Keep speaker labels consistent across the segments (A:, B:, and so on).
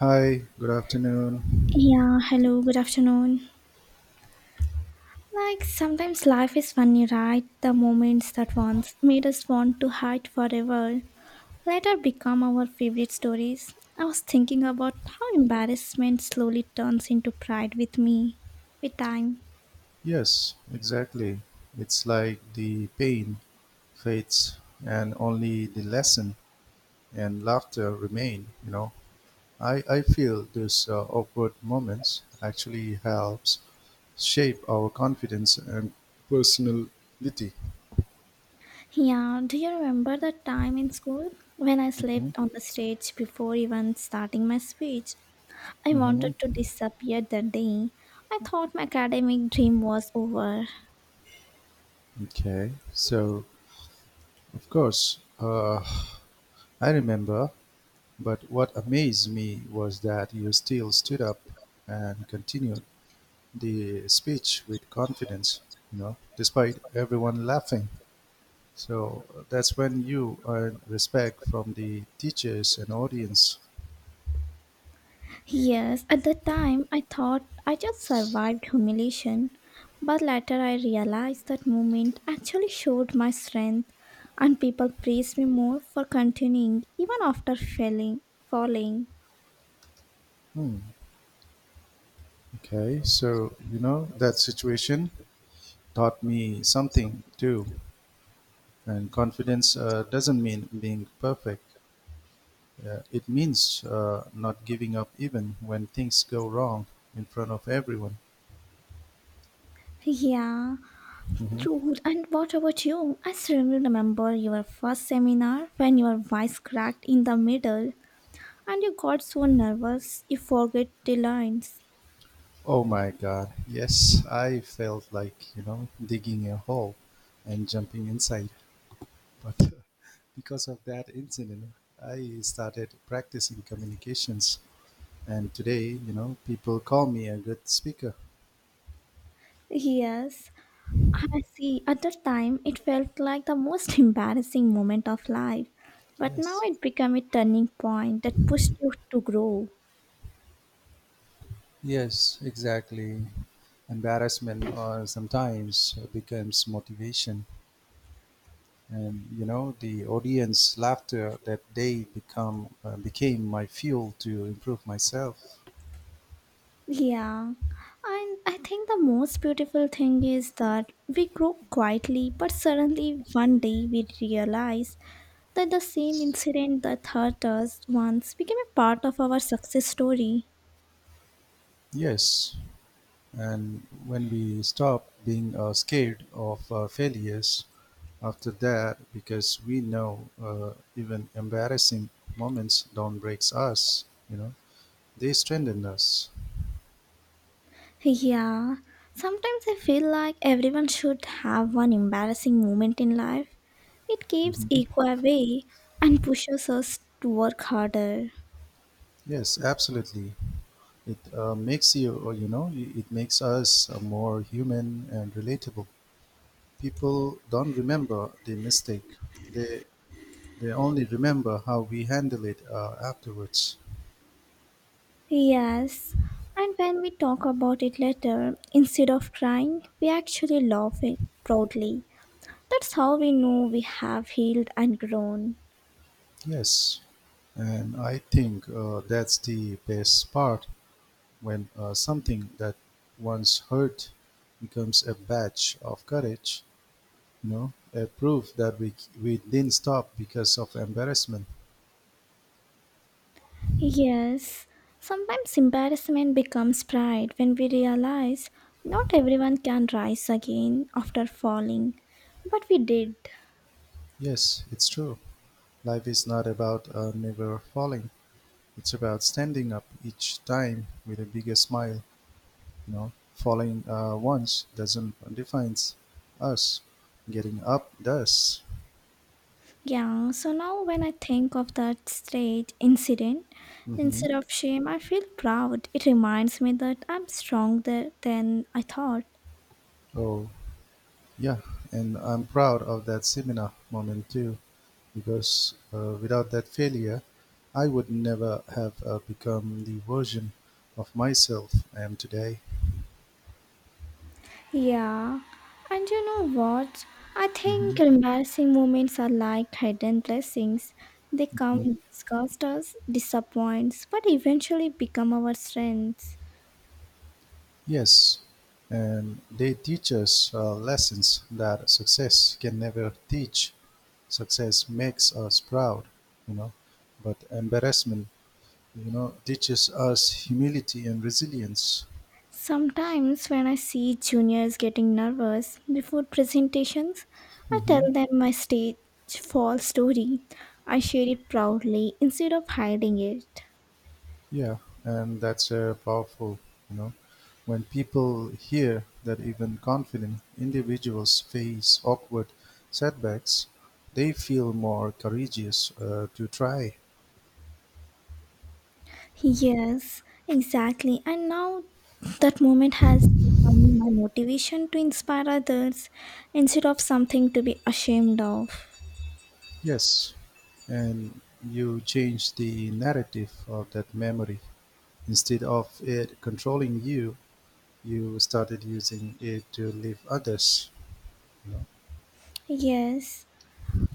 A: Hi, good afternoon.
B: Yeah, hello, good afternoon. Like sometimes life is funny, right? The moments that once made us want to hide forever later become our favorite stories. I was thinking about how embarrassment slowly turns into pride with time.
A: Yes, exactly. It's like the pain fades and only the lesson and laughter remain. I feel these awkward moments actually helps shape our confidence and personality.
B: Yeah, do you remember the time in school when I
A: Mhm,
B: slept on the stage before even starting my speech? I wanted
A: mhm.
B: to disappear that day. I thought my academic dream was over.
A: Okay, so of course, I remember, but what amazed me was that you still stood up and continued the speech with confidence, despite everyone laughing. So that's when you earn respect from the teachers and audience.
B: Yes, at the time I thought I just survived humiliation, but later I realized that moment actually showed my strength and people praised me more for continuing even after falling.
A: Hmm. Okay, so you know that situation taught me something too. And confidence doesn't mean being perfect. It means not giving up even when things go wrong in front of everyone.
B: Yeah,
A: Mhm.
B: true. And what about you? I still remember your first seminar when your voice cracked in the middle and you got so nervous you forget the lines.
A: Oh my god, yes, I felt like digging a hole and jumping inside. But because of that incident, I started practicing communications. And today, people call me a good speaker.
B: Yes, I see. At that time, it felt like the most embarrassing moment of life. But now
A: Yes,
B: it became a turning point that pushed you to grow.
A: yes, exactly. Embarrassment or sometimes becomes motivation. And you know the audience laughter that day become became my fuel to improve myself.
B: Yeah. And I think the most beautiful thing is that we grow quietly, but suddenly one day we realize that the same incident that hurt us once became a part of our success story.
A: Yes, and when we stop being scared of failures after that because we know even embarrassing moments don't break us. They strengthen us.
B: Yeah, sometimes I feel like everyone should have one embarrassing moment in life. It keeps
A: Mhm.
B: ego away and pushes us to work harder.
A: Yes, absolutely. It makes you or, you know I- it makes us more human and relatable. People don't remember the mistake. They they only remember how we handle it afterwards.
B: Yes, and when we talk about it later, instead of crying, we actually laugh it proudly. That's how we know we have healed and grown.
A: Yes, and I think that's the best part when something that once hurt becomes a badge of courage, a proof that we didn't stop because of embarrassment.
B: Yes, sometimes embarrassment becomes pride when we realize not everyone can rise again after falling, but we did.
A: Yes, it's true. Life is not about never falling, it's about standing up each time with a bigger smile. Falling once doesn't define us, getting up does.
B: Yeah, so now when I think of that stage incident,
A: Hmm.
B: instead of shame, I feel proud. It reminds me that I'm stronger than I thought.
A: Oh, yeah, and I'm proud of that seminar moment too, because without that failure, I would never have become the version of myself I am today.
B: Yeah, and you know what? I think
A: Mhm.
B: embarrassing moments are like hidden blessings. They come,
A: Mm,
B: disgust us, disappoints, but eventually become our strengths.
A: yes, and they teach us lessons that success can never teach. Success makes us proud, you know, but embarrassment, teaches us humility and resilience.
B: Sometimes when I see juniors getting nervous before presentations, I tell
A: Mhm.
B: them my stage fall story. I share it proudly instead of hiding it.
A: Yeah, and that's powerful. You know, when people hear that even confident individuals face awkward setbacks, they feel more courageous to try.
B: Yes, exactly. And now that moment has become my motivation to inspire others instead of something to be ashamed of.
A: Yes, and you change the narrative of that memory. Instead of it controlling you, you started using it to lift others. You know?
B: Yes.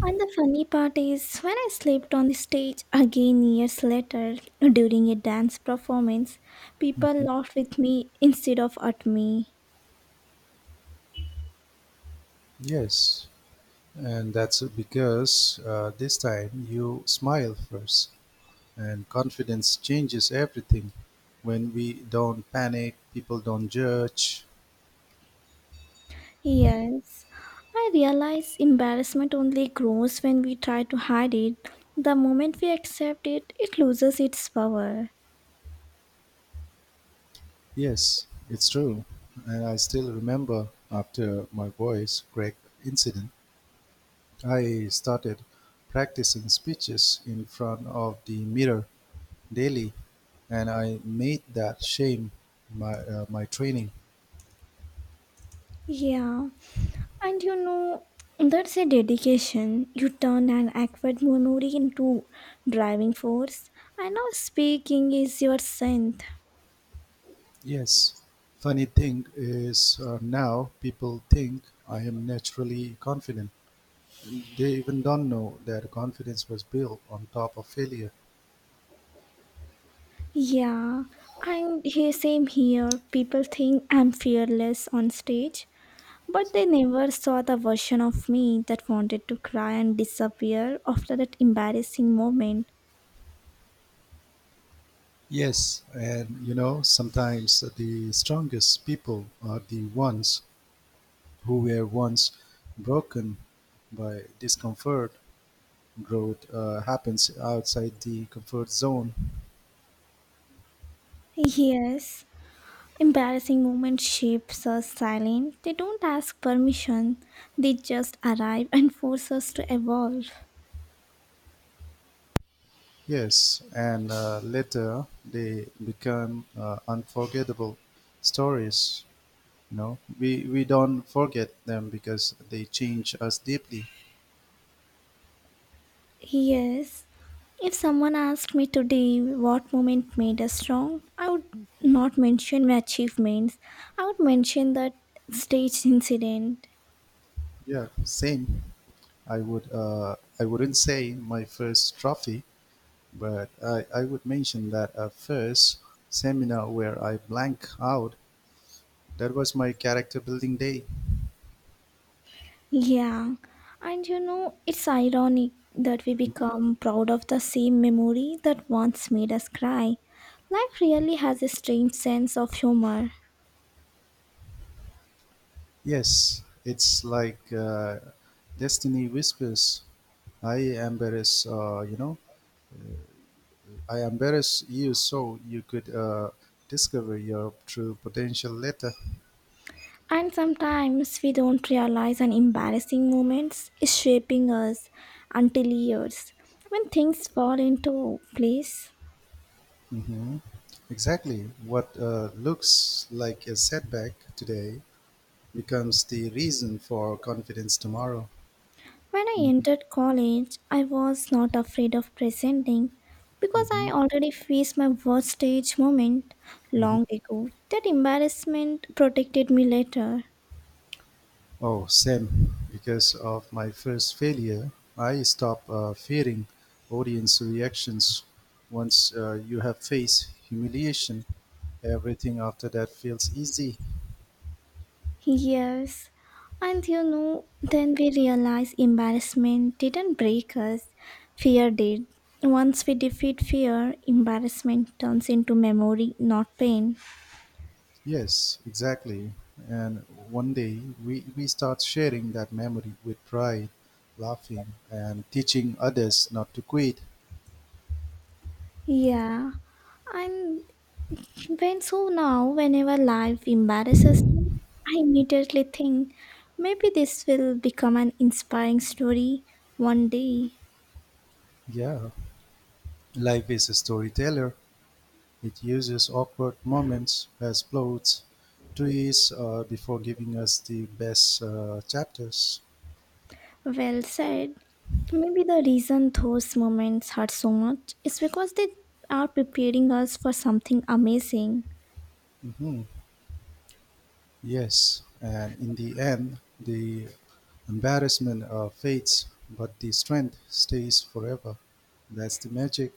B: And the funny part is, when I slept on the stage again years later during a dance performance, people laughed with me instead of at me.
A: Yes, and that's because this time you smile first. And confidence changes everything. When we don't panic, people don't judge.
B: Yes. I realize embarrassment only grows when we try to hide it. The moment we accept it, it loses its power.
A: Yes, it's true. And I still remember after my voice crack incident, I started practicing speeches in front of the mirror daily, and I made that shame my training.
B: Yeah, and you know, that's a dedication. You turn an awkward memory into driving force, and now speaking is your strength.
A: Yes, funny thing is now people think I am naturally confident. They even don't know that confidence was built on top of failure.
B: Yeah, and here, same here. People think I'm fearless on stage, but they never saw the version of me that wanted to cry and disappear after that embarrassing moment.
A: Yes, and sometimes the strongest people are the ones who were once broken by discomfort. Growth happens outside the comfort zone.
B: Yes, embarrassing moments shapes us silent. They don't ask permission. They just arrive and force us to evolve.
A: Yes, and later they become unforgettable stories. You know, we don't forget them because they change us deeply.
B: Yes. If someone asked me today what moment made us strong, I would not mention my achievements. I would mention that stage incident.
A: Yeah, same. I wouldn't say my first trophy, but I would mention that a first seminar where I blank out. That was my character building day.
B: Yeah. And you know, it's ironic that we become proud of the same memory that once made us cry. Life really has a strange sense of humor.
A: Yes, it's like destiny whispers. I embarrass uh, you know I embarrass you so you could discover your true potential later.
B: And sometimes we don't realize an embarrassing moments is shaping us until years when things fall into place.
A: Hmm. Exactly. What looks like a setback today becomes the reason for confidence tomorrow.
B: When I entered college, I was not afraid of presenting because I
A: Hmm.
B: already faced my worst stage moment
A: Hmm.
B: long ago. That embarrassment protected me later.
A: Oh, same. Because of my first failure, I stop fearing audience reactions. Once you have faced humiliation, everything after that feels easy.
B: Yes, and you know, then we realize embarrassment didn't break us, fear did. Once we defeat fear, embarrassment turns into memory, not pain.
A: Yes, exactly. And one day we start sharing that memory with pride, laughing, and teaching others not to quit.
B: Yeah, and when so now, whenever life embarrasses me, I immediately think maybe this will become an inspiring story one day.
A: Yeah, life is a storyteller. It uses awkward moments as plots twists before giving us the best chapters.
B: Well said. Maybe the reason those moments hurt so much is because they are preparing us for something amazing.
A: Hmm. Yes, and in the end, the embarrassment fades, but the strength stays forever. That's the magic.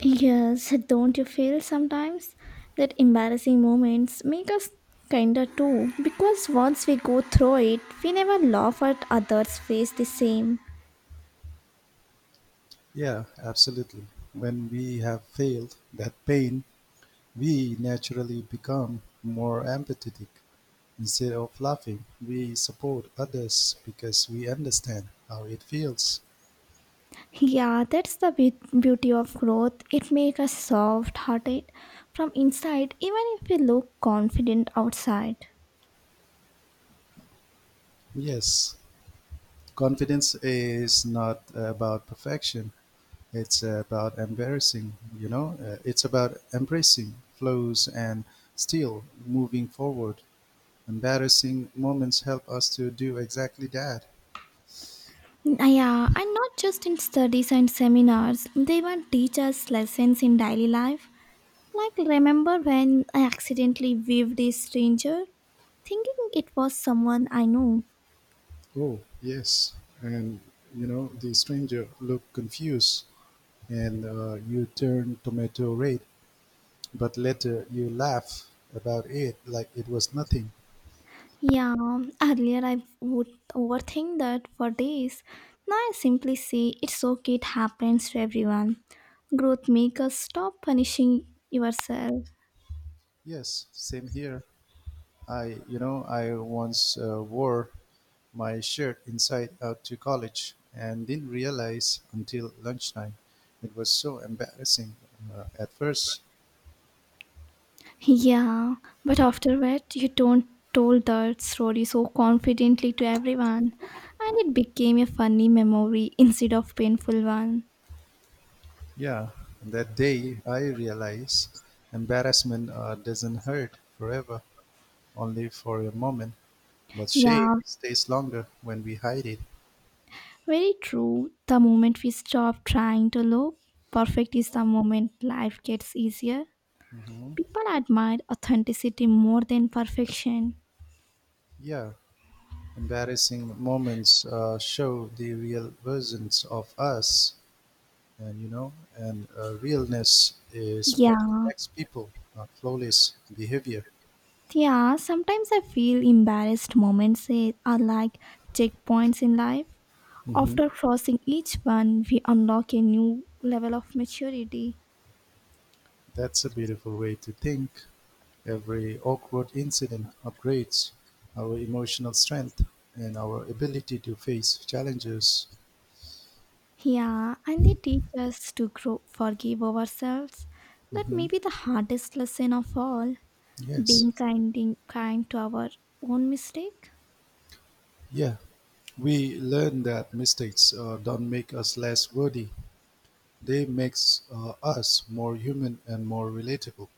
B: Yes, don't you feel sometimes that embarrassing moments make us kinder too? Because once we go through it, we never laugh at others face the same.
A: Yeah, absolutely. When we have failed that pain, we naturally become more empathetic. Instead of laughing, we support others because we understand how it feels.
B: Yeah, that's the beauty of growth. It makes us soft hearted from inside, even if we look confident outside.
A: Yes, confidence is not about perfection. It's about embarrassing, you know? It's about embracing flows and still moving forward. Embarrassing moments help us to do exactly that.
B: Yeah, and not just in studies and seminars, they even teach us lessons in daily life. Like, remember when I accidentally waved this stranger, thinking it was someone I know?
A: Oh, yes. And, the stranger looked confused and you turn tomato red, but later you laugh about it like it was nothing.
B: Yeah, earlier I would overthink that for days. Now I simply say it's okay, it happens to everyone. Growth makes us stop punishing yourself.
A: Yes, same here. I once wore my shirt inside out to college and didn't realize until lunchtime. It was so embarrassing at first.
B: Yeah, but after that, you don't told that story so confidently to everyone, and it became a funny memory instead of painful one.
A: Yeah, that day I realized embarrassment doesn't hurt forever, only for a moment, but shame
B: Yeah,
A: stays longer when we hide it.
B: very true. The moment we stop trying to look perfect is the moment life gets easier.
A: Hmm.
B: People admire authenticity more than perfection.
A: Yeah, embarrassing moments show the real versions of us. And realness is what
B: Yeah,
A: connects people, not flawless behavior.
B: yeah. Sometimes I feel embarrassed moments are like checkpoints in life.
A: Hmm.
B: After crossing each one, we unlock a new level of maturity.
A: That's a beautiful way to think. Every awkward incident upgrades our emotional strength and our ability to face challenges.
B: Yeah, and they teach us to grow, forgive ourselves. That may
A: Hmm.
B: be the hardest lesson of all
A: Yes,
B: being kind, kind to our own mistake.
A: yeah. We learn that mistakes don't make us less worthy. They makes us more human and more relatable.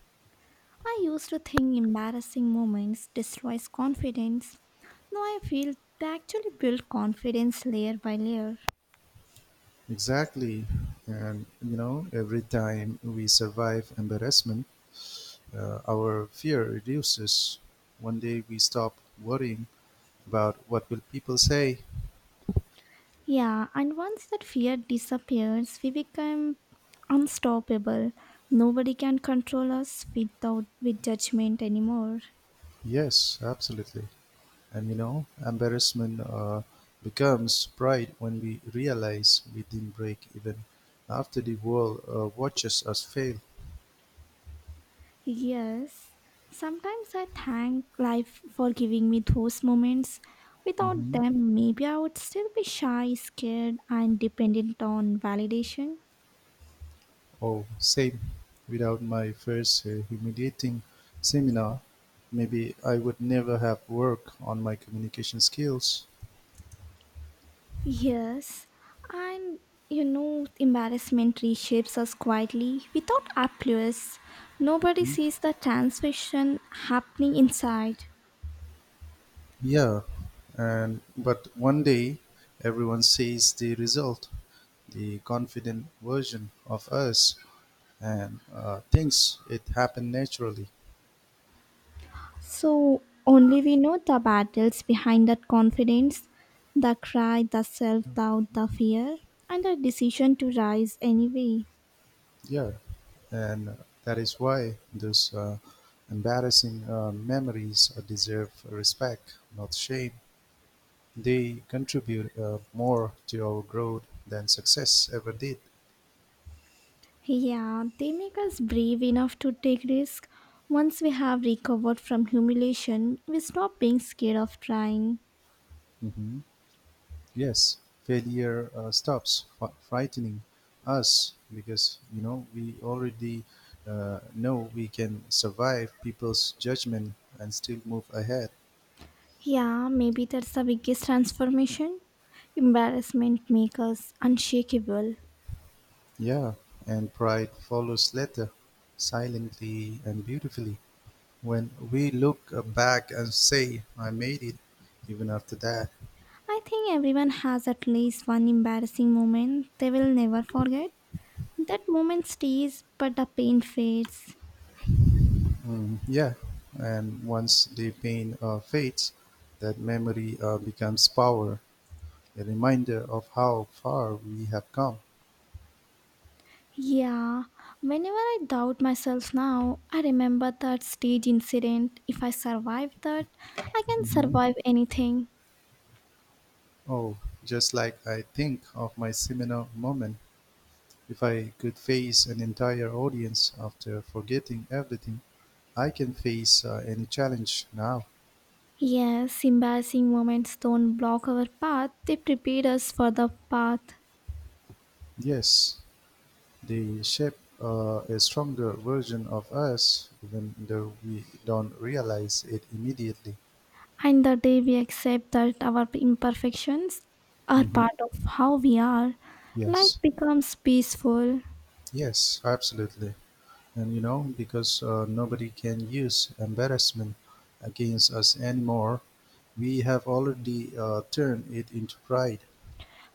B: I used to think embarrassing moments destroys confidence. Now I feel they actually build confidence layer by layer.
A: Exactly. And every time we survive embarrassment, our fear reduces. One day we stop worrying about what will people say.
B: Yeah, and once that fear disappears, we become unstoppable. Nobody can control us without with judgment anymore.
A: Yes, absolutely. And embarrassment becomes pride when we realize we didn't break even after the world watches us fail.
B: Yes, sometimes I thank life for giving me those moments. Without
A: Mhm.
B: them, maybe I would still be shy, scared, and dependent on validation.
A: Oh, same. Without my first humiliating seminar, maybe I would never have worked on my communication skills.
B: Yes, and you know, embarrassment reshapes us quietly without applause. Nobody sees the transmission happening inside.
A: Yeah, and but one day everyone sees the result, the confident version of us, and thinks it happened naturally.
B: So, only we know the battles behind that confidence, the cry, the self doubt, the fear, and the decision to rise anyway.
A: Yeah, and that is why those embarrassing memories deserve respect, not shame. They contribute more to our growth than success ever did.
B: Yeah, they make us brave enough to take risk. Once we have recovered from humiliation, we stop being scared of trying.
A: Hmm. Yes, failure stops frightening us because you know we already know we can survive people's judgment and still move ahead.
B: Yeah, maybe that's the biggest transformation. Embarrassment makes us unshakable.
A: Yeah, and pride follows later, silently and beautifully. When we look back and say, "I made it," even after that.
B: I think everyone has at least one embarrassing moment they will never forget. That moment stays, but the pain fades.
A: Mm, yeah, and once the pain fades, that memory becomes power, a reminder of how far we have come.
B: Yeah, whenever I doubt myself now, I remember that stage incident. If I survive that, I can
A: Hmm.
B: survive anything.
A: Oh, just like I think of my seminar moment. If I could face an entire audience after forgetting everything, I can face any challenge now.
B: Yes, embarrassing moments don't block our path, they prepare us for the path.
A: Yes, they shape a stronger version of us, even though we don't realize it immediately.
B: And the day we accept that our imperfections are part
A: Mhm.
B: of how we are, life
A: Yes.
B: becomes peaceful.
A: Yes, absolutely. And you know, because nobody can use embarrassment against us anymore, we have already turned it into pride.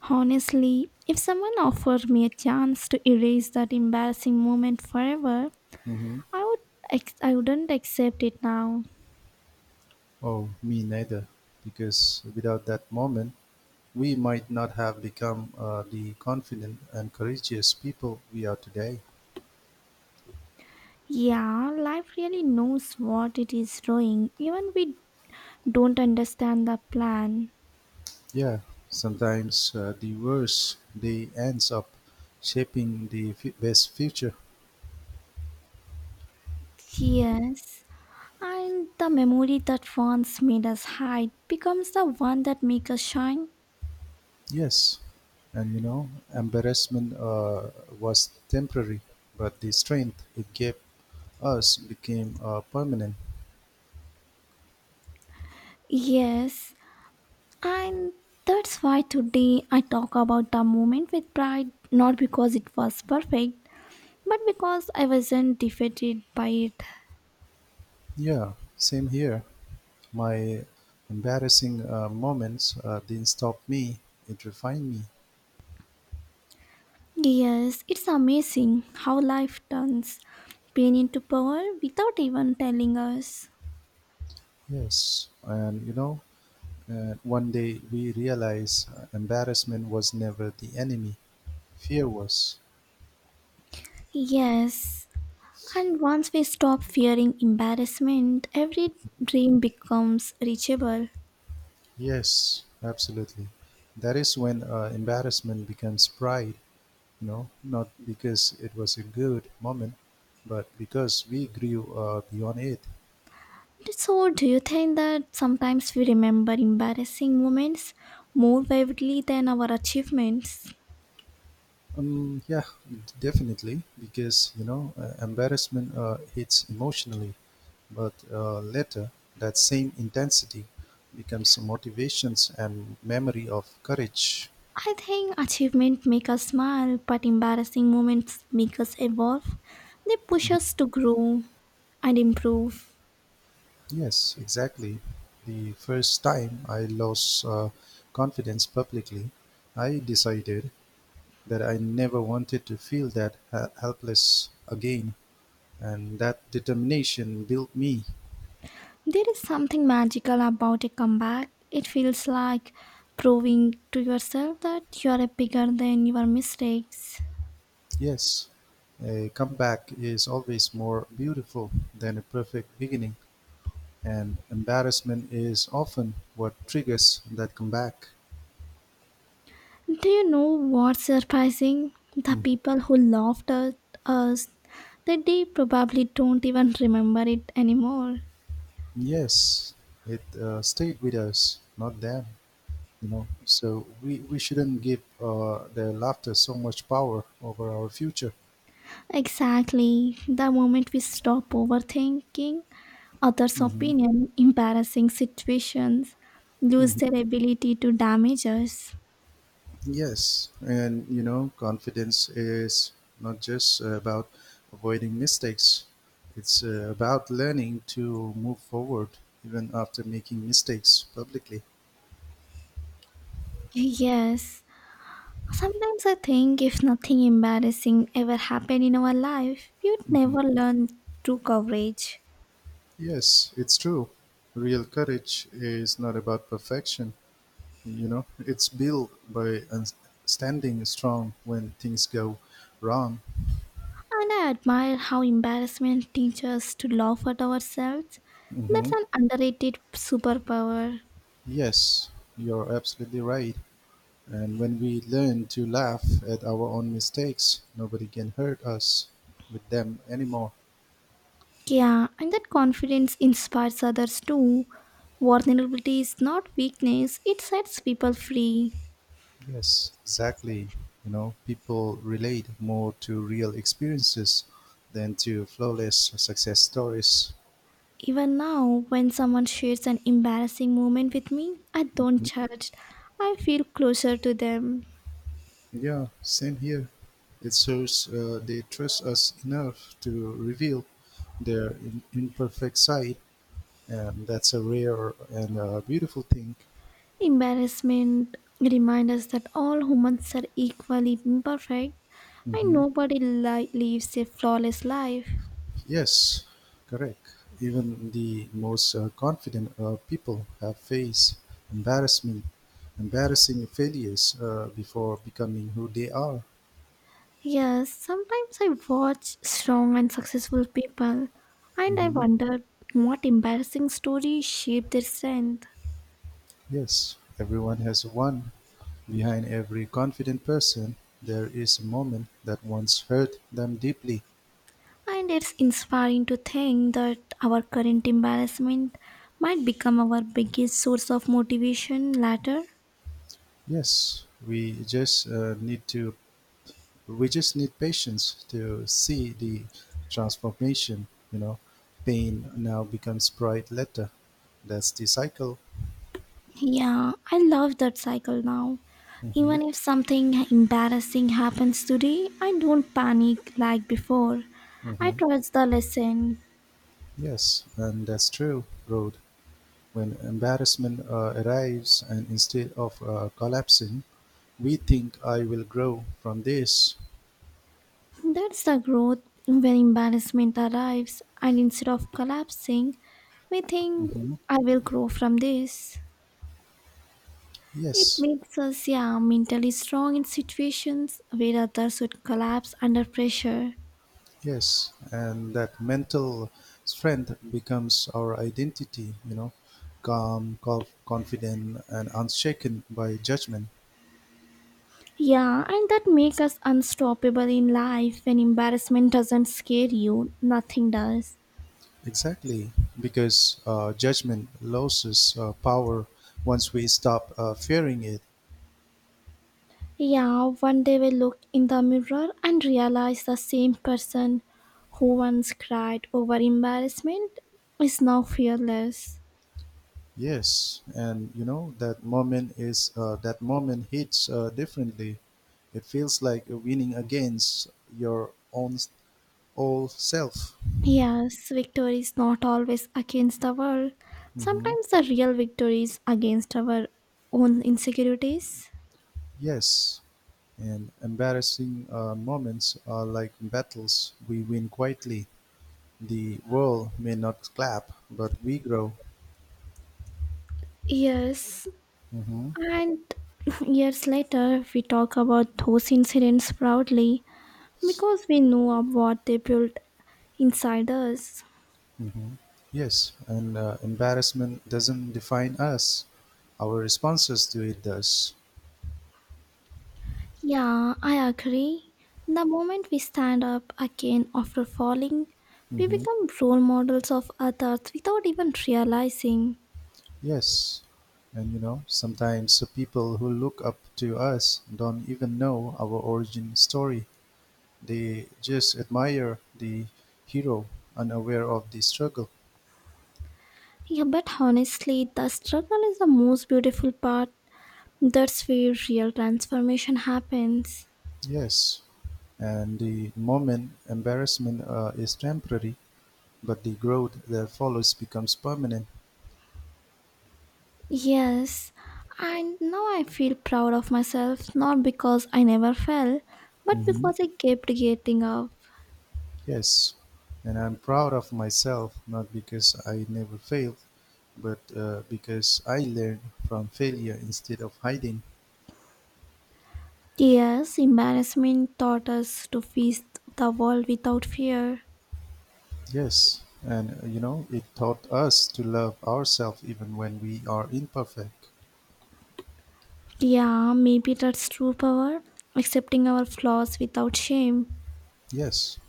B: Honestly, if someone offered me a chance to erase that embarrassing moment forever,
A: Hmm.
B: I would I wouldn't accept it now.
A: Oh, me neither. Because without that moment, we might not have become the confident and courageous people we are today.
B: Yeah, life really knows what it is doing, even we don't understand the plan.
A: Yeah, sometimes the worst day ends up shaping the best future.
B: Yes. And the memory that once made us hide becomes the one that makes us shine.
A: Yes, and embarrassment was temporary, but the strength it gave us became permanent.
B: Yes, and that's why today I talk about the moment with pride, not because it was perfect, but because I wasn't defeated by it.
A: Yeah, same here. My embarrassing moments didn't stop me; it refined me.
B: Yes, it's amazing how life turns pain into power without even telling us.
A: Yes, and one day we realized embarrassment was never the enemy; fear was.
B: Yes, and once we stop fearing embarrassment, every dream becomes reachable.
A: Yes, absolutely. That is when embarrassment becomes pride. No, not because it was a good moment, but because we grew beyond it.
B: So, do you think that sometimes we remember embarrassing moments more vividly than our achievements?
A: Yeah, definitely. Because embarrassment hits emotionally, but later that same intensity becomes motivations and memory of courage.
B: I think achievements make us smile, but embarrassing moments make us evolve. They push us to grow and improve.
A: Yes, exactly. The first time I lost confidence publicly, I decided that I never wanted to feel that helpless again. And that determination built me.
B: There is something magical about a comeback. It feels like proving to yourself that you are bigger than your mistakes.
A: Yes, a comeback is always more beautiful than a perfect beginning, and embarrassment is often what triggers that comeback.
B: Do you know what's surprising? The
A: Mm,
B: people who laughed at us that they probably don't even remember it anymore.
A: yes, it stayed with us, not them. So we shouldn't give their laughter so much power over our future.
B: Exactly. The moment we stop overthinking others'
A: Hmm.
B: opinion, embarrassing situations lose their ability to damage us.
A: Yes, and confidence is not just about avoiding mistakes. It's about learning to move forward even after making mistakes publicly.
B: Yes. Sometimes I think if nothing embarrassing ever happened in our life, we would
A: Mhm.
B: never learn true courage.
A: Yes, it's true. Real courage is not about perfection, it's built by standing strong when things go wrong.
B: And I admire how embarrassment teaches us to laugh at ourselves. That's
A: Hmm.
B: an underrated superpower.
A: Yes, you're absolutely right. And when we learn to laugh at our own mistakes, nobody can hurt us with them anymore.
B: Yeah, and that confidence inspires others too. Vulnerability is not weakness, it sets people free.
A: Yes, exactly. You know, people relate more to real experiences than to flawless success stories.
B: Even now, when someone shares an embarrassing moment with me, I don't
A: Mm,
B: judge. I feel closer to them.
A: yeah, same here. It shows they trust us enough to reveal their imperfect side, and that's a rare and beautiful thing.
B: Embarrassment reminds us that all humans are equally imperfect and
A: Mhm.
B: nobody lives a flawless life.
A: Yes, correct. Even the most confident people have faced embarrassment, embarrassing failures before becoming who they are.
B: Yes, sometimes I watch strong and successful people and I
A: Mhm.
B: wonder what embarrassing stories shape their strength.
A: Yes, everyone has one. Behind every confident person, there is a moment that once hurt them deeply.
B: And it's inspiring to think that our current embarrassment might become our biggest source of motivation later.
A: Yes, we just need patience to see the transformation. Pain now becomes pride later. That's the cycle.
B: Yeah, I love that cycle now.
A: Hmm.
B: Even if something embarrassing happens today, I don't panic like before. I
A: Hmm.
B: trust the lesson.
A: Yes, and that's true road. When embarrassment arrives and instead of collapsing we think, I will grow from this.
B: That's the growth when embarrassment arrives, and instead of collapsing, we think,
A: Hmm.
B: I will grow from this. It
A: Yes.
B: makes us, yeah, mentally strong in situations where others would collapse under pressure.
A: Yes, and that mental strength becomes our identity, calm, confident, and unshaken by judgment.
B: Yeah, and that makes us unstoppable in life when embarrassment doesn't scare you, nothing does.
A: Exactly, because judgment loses power once we stop fearing it.
B: Yeah, one day we look in the mirror and realize the same person who once cried over embarrassment is now fearless.
A: Yes, and you know that moment hits differently. It feels like winning against your own old self.
B: Yes, victory is not always against the world.
A: Hmm.
B: Sometimes the real victory is against our own insecurities.
A: Yes. And embarrassing moments are like battles we win quietly. The world may not clap, but we grow.
B: Yes,
A: Hmm.
B: and years later, we talk about those incidents proudly because we know of what they built inside us.
A: Hmm. Yes, and embarrassment doesn't define us. Our responses to it does.
B: Yeah, I agree. The moment we stand up again after falling, we
A: Hmm.
B: become role models of others without even realizing.
A: Yes, and sometimes the people who look up to us don't even know our origin story. They just admire the hero, unaware of the struggle.
B: Yeah, but honestly, the struggle is the most beautiful part. That's where real transformation happens.
A: Yes, and the moment embarrassment is temporary, but the growth that follows becomes permanent.
B: Yes, and now I feel proud of myself not because I never fell, but
A: Hmm.
B: because I kept getting up.
A: Yes, and I'm proud of myself not because I never failed, but because I learned from failure instead of hiding.
B: Yes, embarrassment taught us to face the world without fear.
A: Yes, and you know it taught us to love ourselves even when we are imperfect.
B: Yeah, maybe that's true power, accepting our flaws without shame.
A: Yes,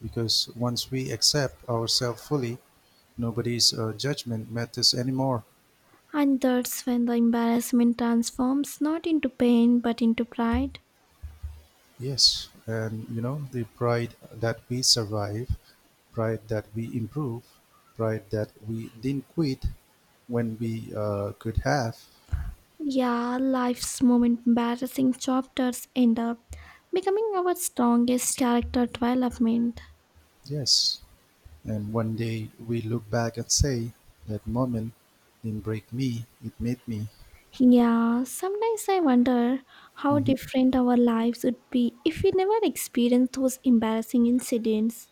A: because once we accept ourselves fully, nobody's judgment matters anymore.
B: And that's when the embarrassment transforms not into pain but into pride.
A: Yes, and the pride that we survive, pride that we improve, pride that we didn't quit when we could have.
B: Yeah, life's most embarrassing chapters end up becoming our strongest character development.
A: Yes, and one day we look back and say, that moment didn't break me, it made me.
B: Yeah, sometimes I wonder how
A: Mhm.
B: different our lives would be if we never experienced those embarrassing incidents.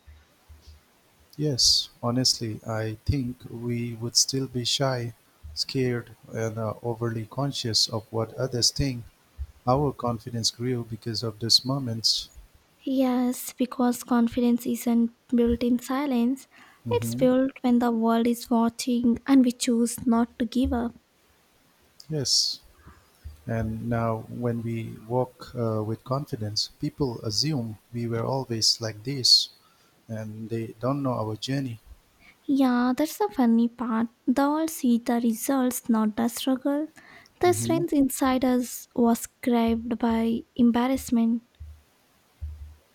A: Yes, honestly, I think we would still be shy, scared, and overly conscious of what others think. Our confidence grew because of these moments.
B: Yes, because confidence isn't built in silence, it's
A: Hmm.
B: built when the world is watching and we choose not to give up.
A: Yes, and now when we walk with confidence, people assume we were always like this and they don't know our journey.
B: Yeah, that's the funny part. They all see the results, not the struggle. The
A: Hmm.
B: strength inside us was craved by embarrassment.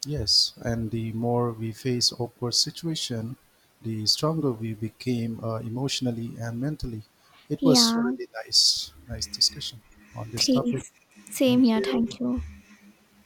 A: Yes, and the more we face awkward situation, the stronger we became emotionally and mentally. It was
B: Yeah,
A: really nice, nice discussion on this topic.
B: please. Same
A: Thank
B: here,
A: you.
B: thank you.